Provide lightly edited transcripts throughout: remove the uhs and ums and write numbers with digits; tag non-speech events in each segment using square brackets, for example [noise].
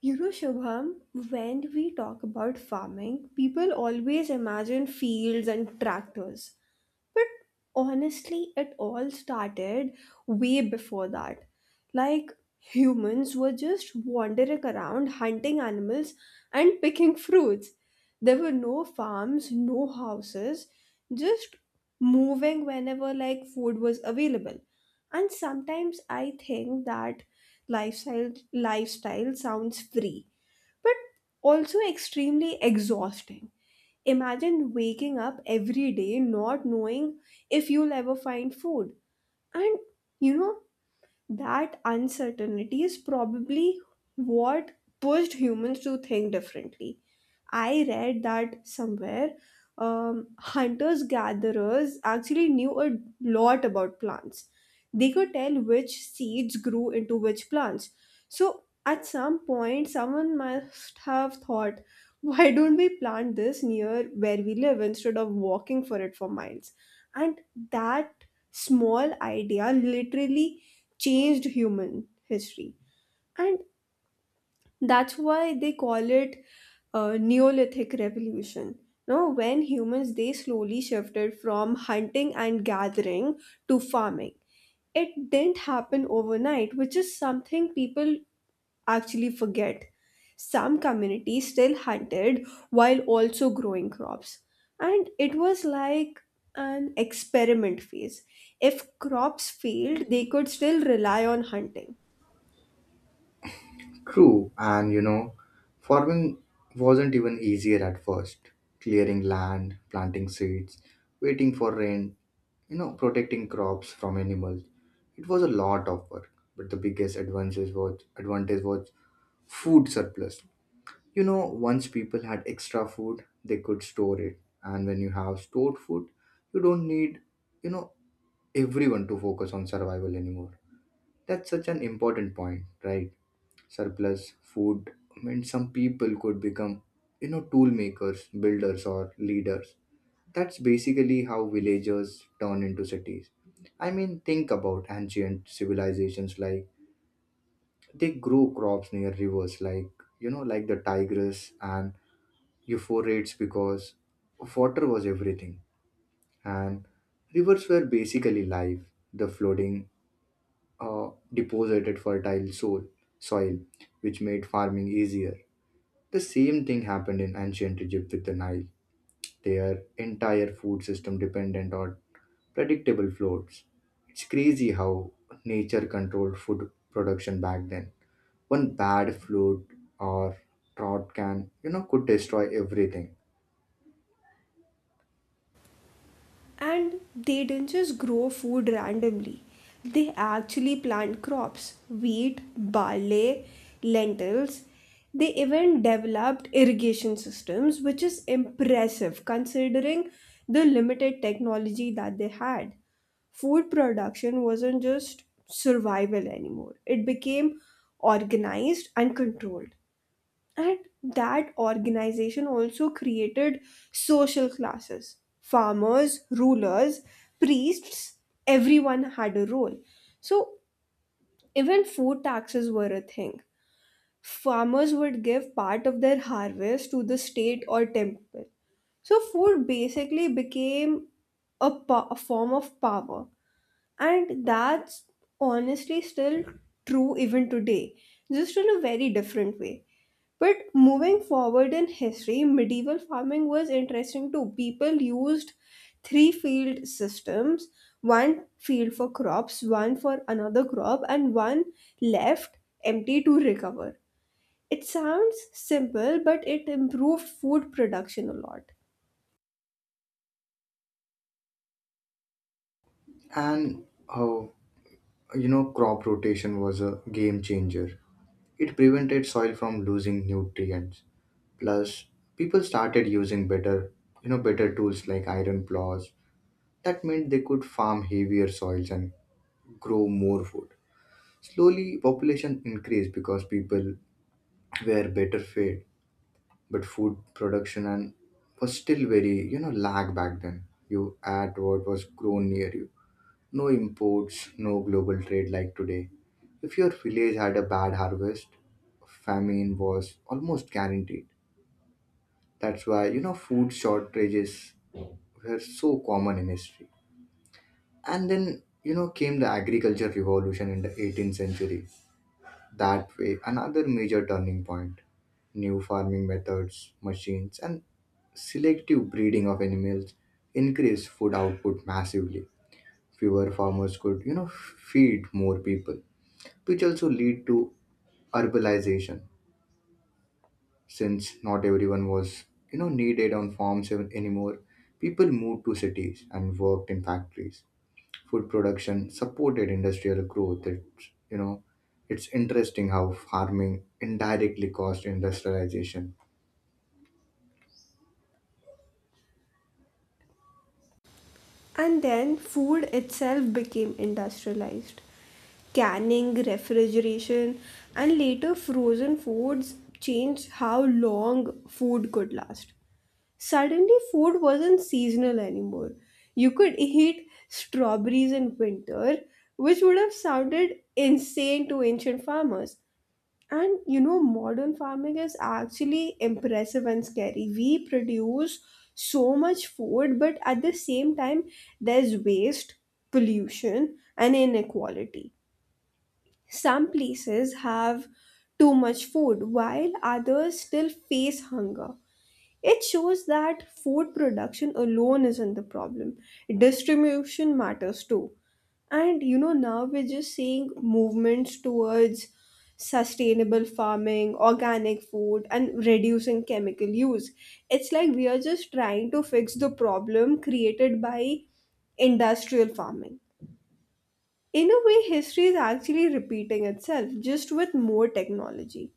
You know, Shubham, when we talk about farming, people always imagine fields and tractors. But honestly, it all started way before that. Like, humans were just wandering around hunting animals and picking fruits. There were no farms, no houses, just moving whenever like food was available. And sometimes I think that lifestyle sounds free, but also extremely exhausting. Imagine waking up every day not knowing if you'll ever find food. And you know, that uncertainty is probably what pushed humans to think differently. I read that somewhere hunters gatherers actually knew a lot about plants. They could tell which seeds grew into which plants. So at some point, someone must have thought, why don't we plant this near where we live instead of walking for it for miles? And that small idea literally changed human history, and that's why they call it neolithic revolution, no, when humans they slowly shifted from hunting and gathering to farming. It didn't happen overnight, which is something people actually forget. Some communities still hunted while also growing crops, and it was like an experiment phase. If crops failed, they could still rely on hunting. True, and farming wasn't even easier at first. Clearing land, planting seeds, waiting for rain, protecting crops from animals. It was a lot of work, but the biggest advantage was food surplus. Once people had extra food, they could store it, and when you have stored food, you don't need, you know, everyone to focus on survival anymore. That's such an important point, right? Surplus food meant some people could become, tool makers, builders, or leaders. That's basically how villagers turn into cities. I mean, think about ancient civilizations, like they grow crops near rivers, like like the Tigris and Euphrates, because water was everything, and rivers were basically life. The flooding deposited fertile soil, which made farming easier. The same thing happened in ancient Egypt with the Nile, their entire food system dependent on predictable flows. It's crazy how nature controlled food production back then. One bad flood or drought could destroy everything. And they didn't just grow food randomly, they actually plant crops, wheat, barley, lentils. They even developed irrigation systems, which is impressive considering the limited technology that they had. Food production wasn't just survival anymore, it became organized and controlled. And that organization also created social classes. Farmers, rulers, priests, everyone had a role. So even food taxes were a thing. Farmers would give part of their harvest to the state or temple. So food basically became a form of power. And that's honestly still true even today, just in a very different way. But moving forward in history, medieval farming was interesting too. People used three field systems, one field for crops, one for another crop, and one left empty to recover. It sounds simple, but it improved food production a lot. And how, crop rotation was a game changer. It prevented soil from losing nutrients. Plus, people started using better tools like iron plows. That meant they could farm heavier soils and grow more food. Slowly, population increased because people were better fed, but food production and was still very, lag back then. You ate what was grown near you. No imports, no global trade like today. If your village had a bad harvest, famine was almost guaranteed. That's why, food shortages were so common in history. And then, came the agriculture revolution in the 18th century. That way another major turning point. New farming methods, machines, and selective breeding of animals increased food output massively. Fewer farmers could, feed more people, which also lead to urbanization, since not everyone was, needed on farms anymore. People moved to cities and worked in factories. Food production supported industrial growth. It's interesting how farming indirectly caused industrialization. And then food itself became industrialized. Canning, refrigeration, and later frozen foods changed how long food could last. Suddenly food wasn't seasonal anymore, you could eat strawberries in winter, which would have sounded insane to ancient farmers. And you know, modern farming is actually impressive and scary. We produce so much food, but at the same time, there's waste, pollution, and inequality. Some places have too much food, while others still face hunger. It shows that food production alone isn't the problem. Distribution matters too. And you know, now we're just seeing movements towards sustainable farming, organic food, and reducing chemical use. It's like we are just trying to fix the problem created by industrial farming. In a way, history is actually repeating itself, just with more technology.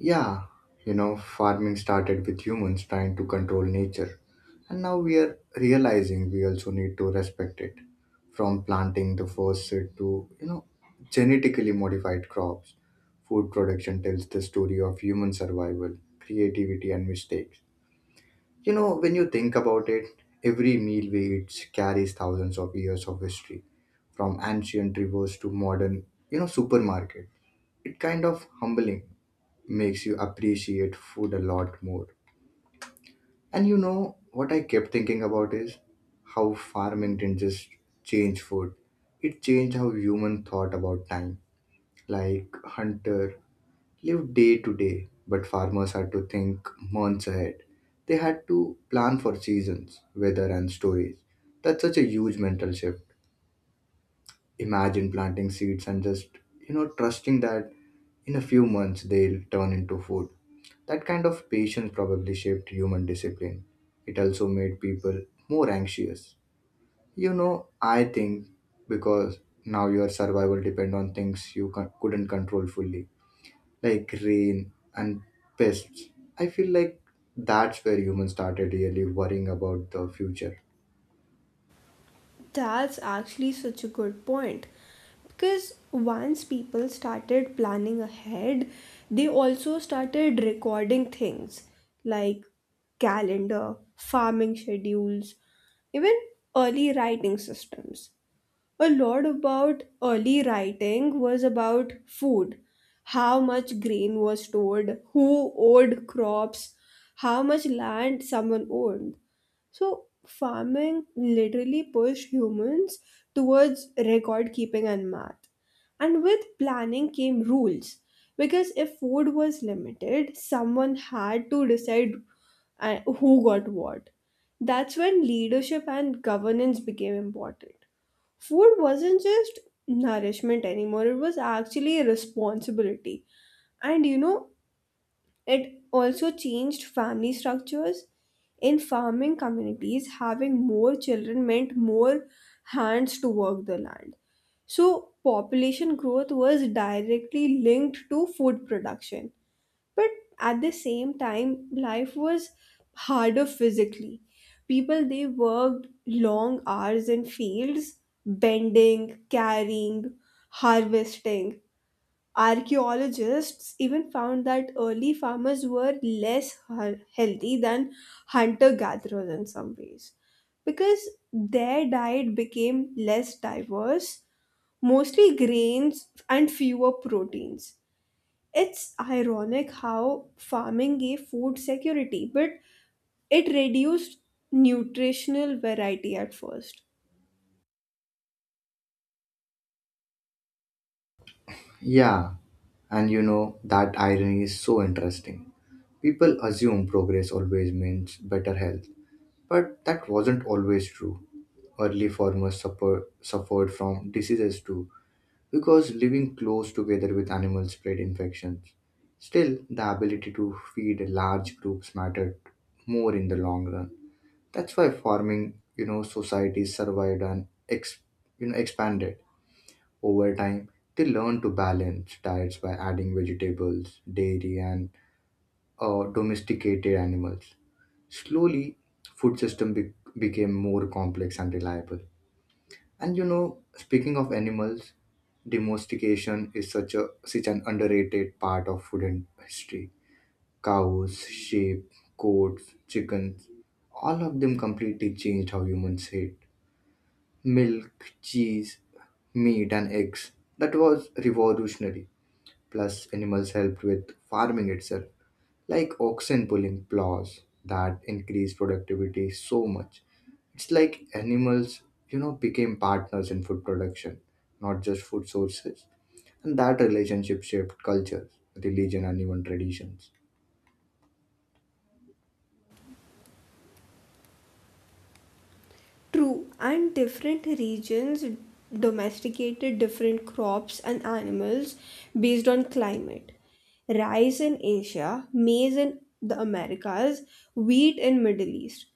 Yeah, farming started with humans trying to control nature, and now we are realizing we also need to respect it. From planting the first seed to, genetically modified crops, food production tells the story of human survival, creativity, and mistakes. When you think about it, every meal we eat carries thousands of years of history, from ancient rivers to modern, supermarket. It kind of humbling, makes you appreciate food a lot more. And you know what I kept thinking about is how farming didn't just change food. It changed how human thought about time. Like, hunter live day to day, but farmers had to think months ahead. They had to plan for seasons, weather, and storage. That's such a huge mental shift. Imagine planting seeds and just, trusting that in a few months they'll turn into food. That kind of patience probably shaped human discipline. It also made people more anxious. I think because now your survival depend on things you couldn't control fully, like rain and pests. I feel like that's where humans started really worrying about the future. That's actually such a good point. Because once people started planning ahead, they also started recording things like calendar, farming schedules, even early writing systems. A lot about early writing was about food, how much grain was stored, who owed crops, how much land someone owned. So farming literally pushed humans towards record keeping and math. And with planning came rules, because if food was limited, someone had to decide who got what. That's when leadership and governance became important. Food wasn't just nourishment anymore, it was actually a responsibility. And you know, it also changed family structures. In farming communities, having more children meant more hands to work the land, so population growth was directly linked to food production. But at the same time, life was harder physically. People they worked long hours in fields, bending, carrying, harvesting. Archaeologists even found that early farmers were less healthy than hunter gatherers in some ways, because their diet became less diverse, mostly grains and fewer proteins. It's ironic how farming gave food security, but it reduced nutritional variety at first. Yeah, and that irony is so interesting. People assume progress always means better health, but that wasn't always true. Early farmers suffered from diseases too, because living close together with animals spread infections. Still, the ability to feed large groups mattered more in the long run. That's why farming, societies survived and expanded over time. They learned to balance diets by adding vegetables, dairy, and domesticated animals. Slowly, food system became more complex and reliable. And speaking of animals, domestication is such an underrated part of food and history. Cows, sheep, goats, chickens, all of them completely changed how humans ate milk, cheese, meat, and eggs. That was revolutionary. Plus, animals helped with farming itself, like oxen pulling plows that increased productivity so much. It's like animals, became partners in food production, not just food sources. And that relationship shaped culture, religion, and even traditions. True, and different regions domesticated different crops and animals based on climate. Rice in Asia, maize in the Americas, wheat in Middle East.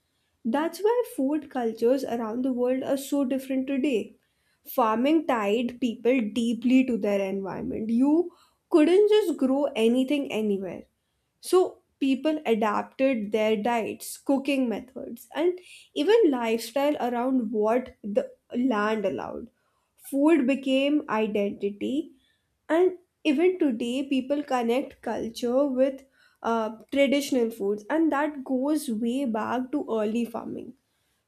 That's why food cultures around the world are so different today. Farming tied people deeply to their environment. You couldn't just grow anything anywhere. So people adapted their diets, cooking methods, and even lifestyle around what the land allowed. Food became identity, and even today, people connect culture with traditional foods, and that goes way back to early farming.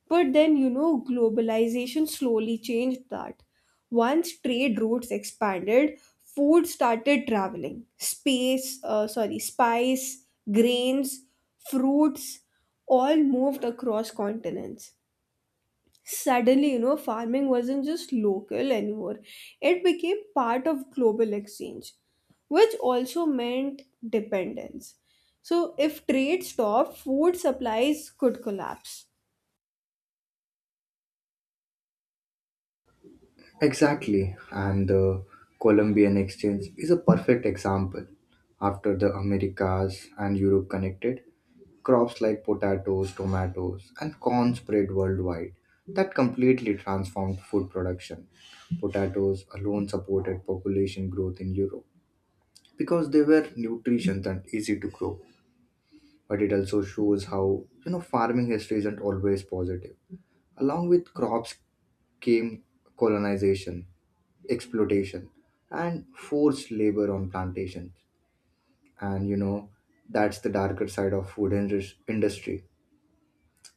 But then, you know, globalization slowly changed that. Once trade routes expanded, food started traveling. Spice, grains, fruits, all moved across continents. Suddenly, you know, farming wasn't just local anymore, it became part of global exchange, which also meant dependence. So, if trade stopped, food supplies could collapse. Exactly, and the Columbian Exchange is a perfect example. After the Americas and Europe connected, crops like potatoes, tomatoes, and corn spread worldwide. That completely transformed food production. Potatoes alone supported population growth in Europe because they were nutritious and easy to grow. But it also shows how, farming history isn't always positive. Along with crops came colonization, exploitation, and forced labor on plantations. And that's the darker side of food industry.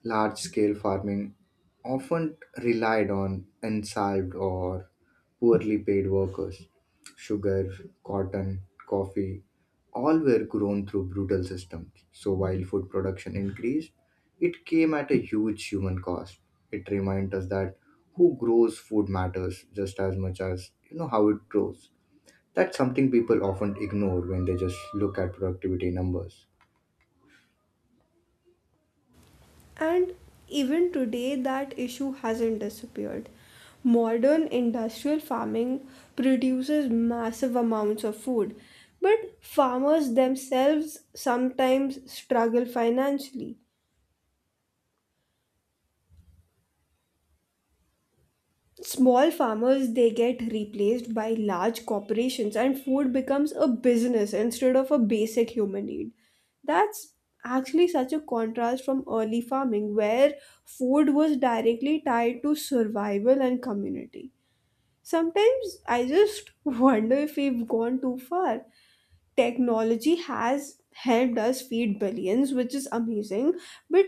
Large scale farming often relied on unsalved or poorly paid workers. Sugar, cotton, coffee, all were grown through brutal systems. So while food production increased, it came at a huge human cost. It reminds us that who grows food matters just as much as, how it grows. That's something people often ignore when they just look at productivity numbers. And even today, that issue hasn't disappeared. Modern industrial farming produces massive amounts of food, but farmers themselves sometimes struggle financially. Small farmers they get replaced by large corporations and food becomes a business instead of a basic human need. That's actually such a contrast from early farming where food was directly tied to survival and community. Sometimes I just [laughs] wonder if we've gone too far. Technology has helped us feed billions, which is amazing, but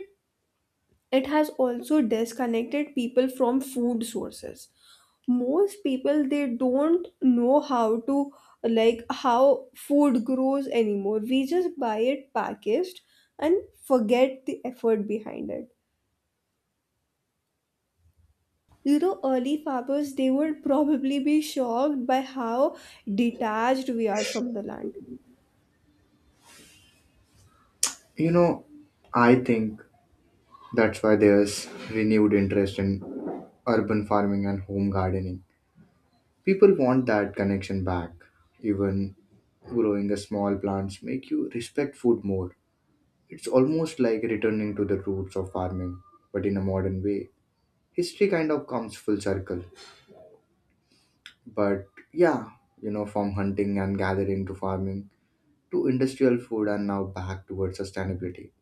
it has also disconnected people from food sources. Most people they don't know how to like how food grows anymore. We just buy it packaged and forget the effort behind it. You know, early farmers, they would probably be shocked by how detached we are from the land. You know, I think that's why there's renewed interest in urban farming and home gardening. People want that connection back. Even growing a small plants make you respect food more. It's almost like returning to the roots of farming, but in a modern way. History kind of comes full circle. But yeah, from hunting and gathering to farming, to industrial food and now back towards sustainability.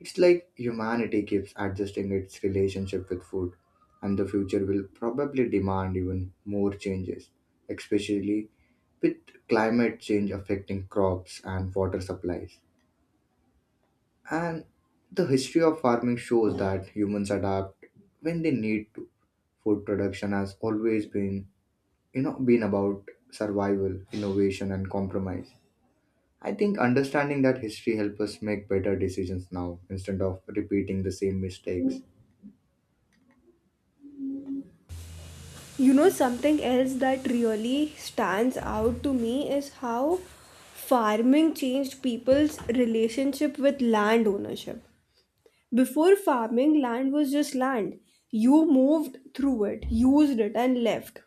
It's like humanity keeps adjusting its relationship with food, and the future will probably demand even more changes, especially with climate change affecting crops and water supplies. And the history of farming shows that humans adapt when they need to. Food production has always been about survival, innovation, and compromise. I think understanding that history helps us make better decisions now instead of repeating the same mistakes. You know, something else that really stands out to me is how farming changed people's relationship with land ownership. Before farming, land was just land. You moved through it, used it, and left.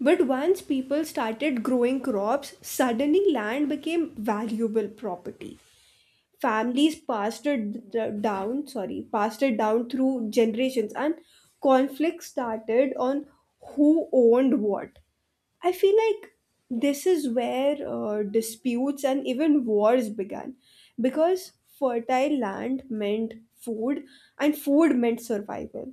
But once people started growing crops, suddenly land became valuable property. Families passed it d- down sorry passed it down through generations, and conflict started on who owned what. I feel like this is where disputes and even wars began, because fertile land meant food, and food meant survival.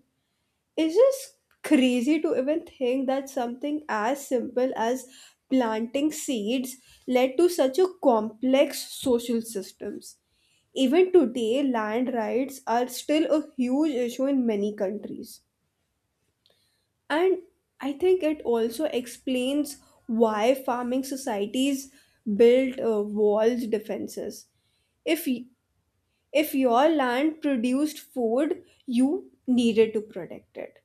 It's just crazy to even think that something as simple as planting seeds led to such a complex social systems. Even today, land rights are still a huge issue in many countries. And I think it also explains why farming societies built walls, defenses. If y- if your land produced food, you needed to protect it.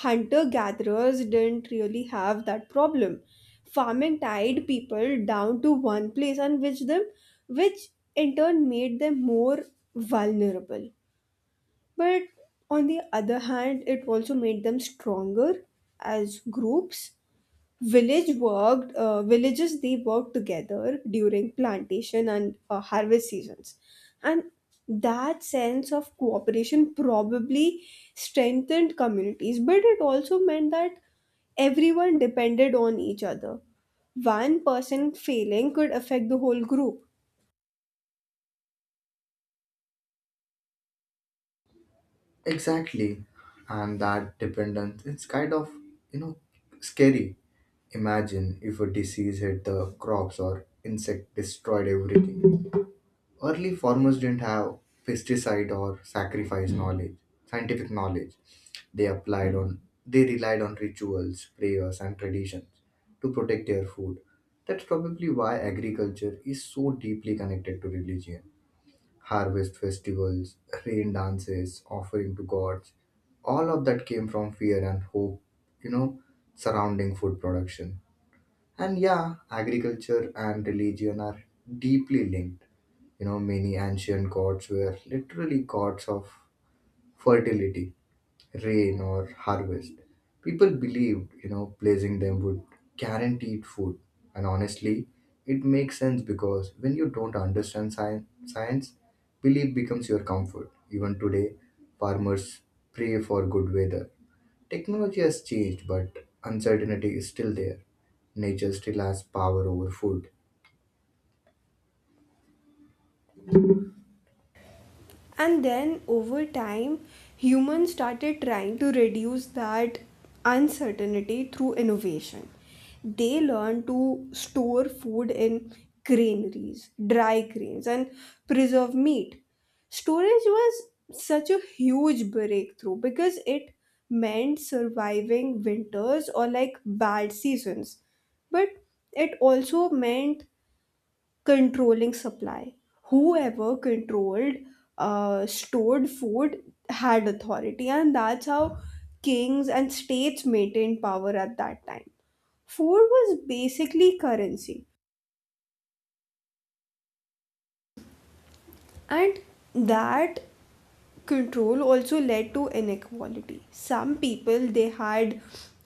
Hunter gatherers didn't really have that problem. Farming tied people down to one place and which in turn made them more vulnerable. But on the other hand, it also made them stronger as groups. Villages they worked together during plantation and harvest seasons, and that sense of cooperation probably strengthened communities, but it also meant that everyone depended on each other. One person failing could affect the whole group. Exactly. And that dependence, it's kind of, you know, scary. Imagine if a disease hit the crops or insect destroyed everything. Early farmers didn't have pesticide or scientific knowledge. They applied on they relied on rituals, prayers, and traditions to protect their food. That's probably why agriculture is so deeply connected to religion. Harvest festivals, rain dances, offering to gods, all of that came from fear and hope, you know, surrounding food production. And yeah, agriculture and religion are deeply linked. Many ancient gods were literally gods of fertility, rain, or harvest. People believed, placing them would guarantee food. And honestly, it makes sense because when you don't understand science, belief becomes your comfort. Even today, farmers pray for good weather. Technology has changed, but uncertainty is still there. Nature still has power over food. And then over time, humans started trying to reduce that uncertainty through innovation. They learned to store food in granaries, dry grains, and preserve meat. Storage was such a huge breakthrough because it meant surviving winters or like bad seasons. But it also meant controlling supply. Whoever controlled stored food had authority, and that's how kings and states maintained power at that time. Food was basically currency, and that control also led to inequality. Some people they had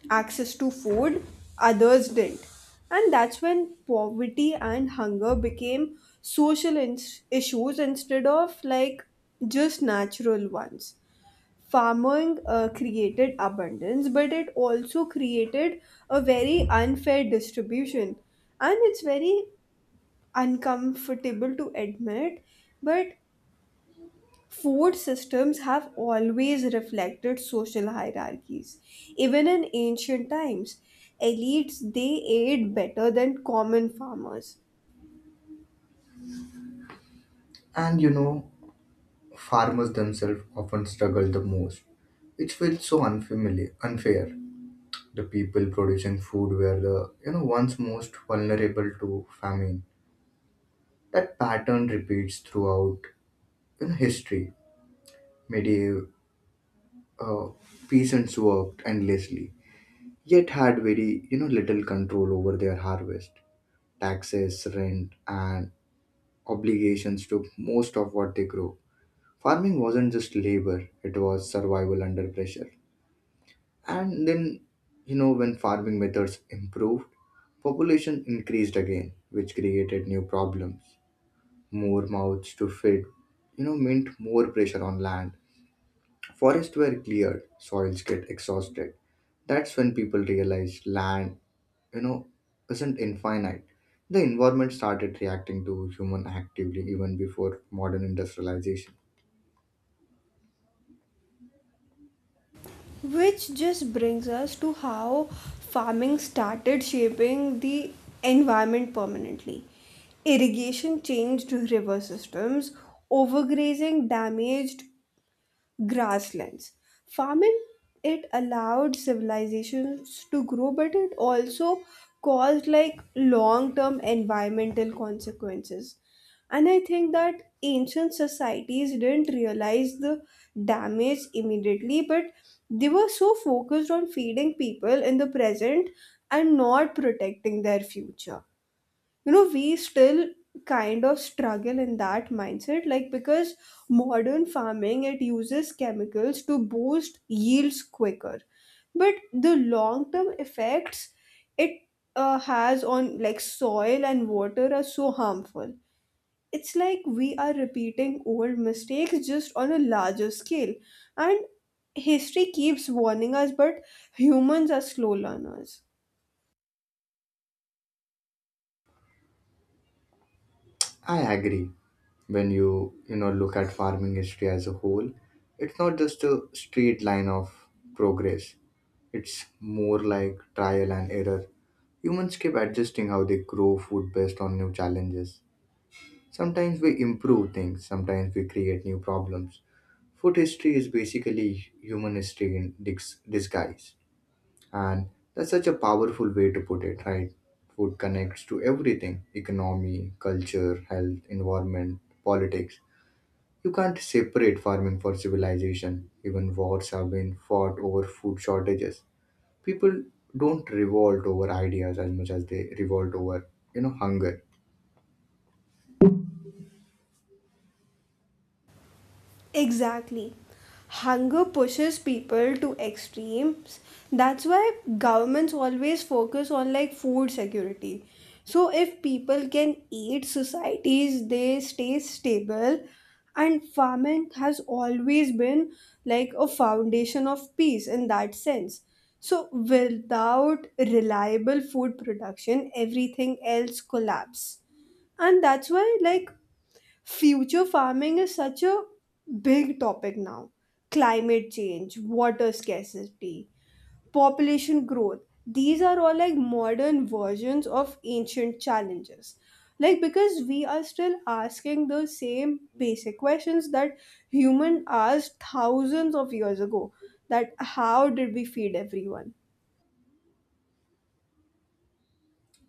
access to food, others didn't. And that's when poverty and hunger became social issues instead of like just natural ones. Farming created abundance, but it also created a very unfair distribution. And it's very uncomfortable to admit, but food systems have always reflected social hierarchies. Even in ancient times, elites they ate better than common farmers. And farmers themselves often struggle the most, which feels so unfair. The people producing food were the, ones most vulnerable to famine. That pattern repeats throughout, history. Medieval uh, peasants worked endlessly, yet had very, little control over their harvest. Taxes, rent, and obligations took most of what they grew. Farming wasn't just labor, it was survival under pressure. And then, when farming methods improved, population increased again, which created new problems. More mouths to feed, meant more pressure on land. Forests were cleared, soils get exhausted. That's when people realized land, you know, isn't infinite. The environment started reacting to human actively even before modern industrialization. Which just brings us to how farming started shaping the environment permanently. Irrigation changed river systems, overgrazing damaged grasslands. Farming it allowed civilizations to grow, but it also caused like long-term environmental consequences. And I think that ancient societies didn't realize the damage immediately, but they were so focused on feeding people in the present and not protecting their future. You know, we still kind of struggle in that mindset, like, because modern farming it uses chemicals to boost yields quicker, but the long term effects it has on like soil and water are so harmful. It's like we are repeating old mistakes just on a larger scale, and history keeps warning us, but humans are slow learners. I agree. When you know look at farming history as a whole, it's not just a straight line of progress. It's more like trial and error. Humans keep adjusting how they grow food based on new challenges. Sometimes we improve things, sometimes we create new problems. Food history is basically human history in disguise. And that's such a powerful way to put it, right? Food connects to everything: economy, culture, health, environment, politics. You can't separate farming for civilization. Even wars have been fought over food shortages. People don't revolt over ideas as much as they revolt over, hunger. Exactly. Hunger pushes people to extremes. That's why governments always focus on like food security. So if people can eat, societies they stay stable, and farming has always been like a foundation of peace in that sense. So without reliable food production, everything else collapse. And that's why like future farming is such a big topic now. Climate change, water scarcity, population growth, these are all like modern versions of ancient challenges. Like, because we are still asking the same basic questions that human asked thousands of years ago, that how did we feed everyone?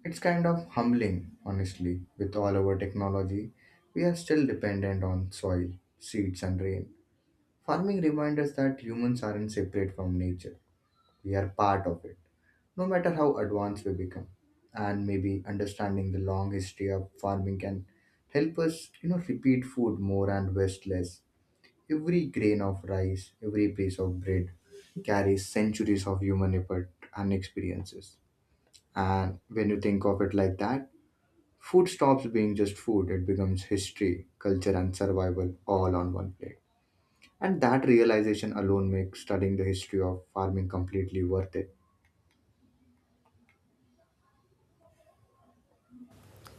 It's kind of humbling, honestly. With all our technology, we are still dependent on soil, seeds, and rain. Farming reminds us that humans aren't separate from nature. We are part of it, no matter how advanced we become. And maybe understanding the long history of farming can help us, repeat food more and waste less. Every grain of rice, every piece of bread carries centuries of human effort and experiences. And when you think of it like that, food stops being just food, it becomes history, culture, and survival all on one plate. And that realization alone makes studying the history of farming completely worth it.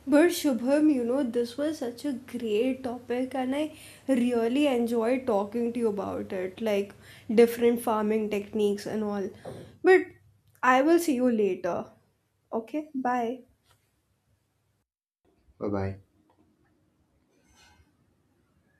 But Shubham, you know, this was such a great topic and I really enjoyed talking to you about it, like different farming techniques and all. But I will see you later. Okay, bye. Bye bye.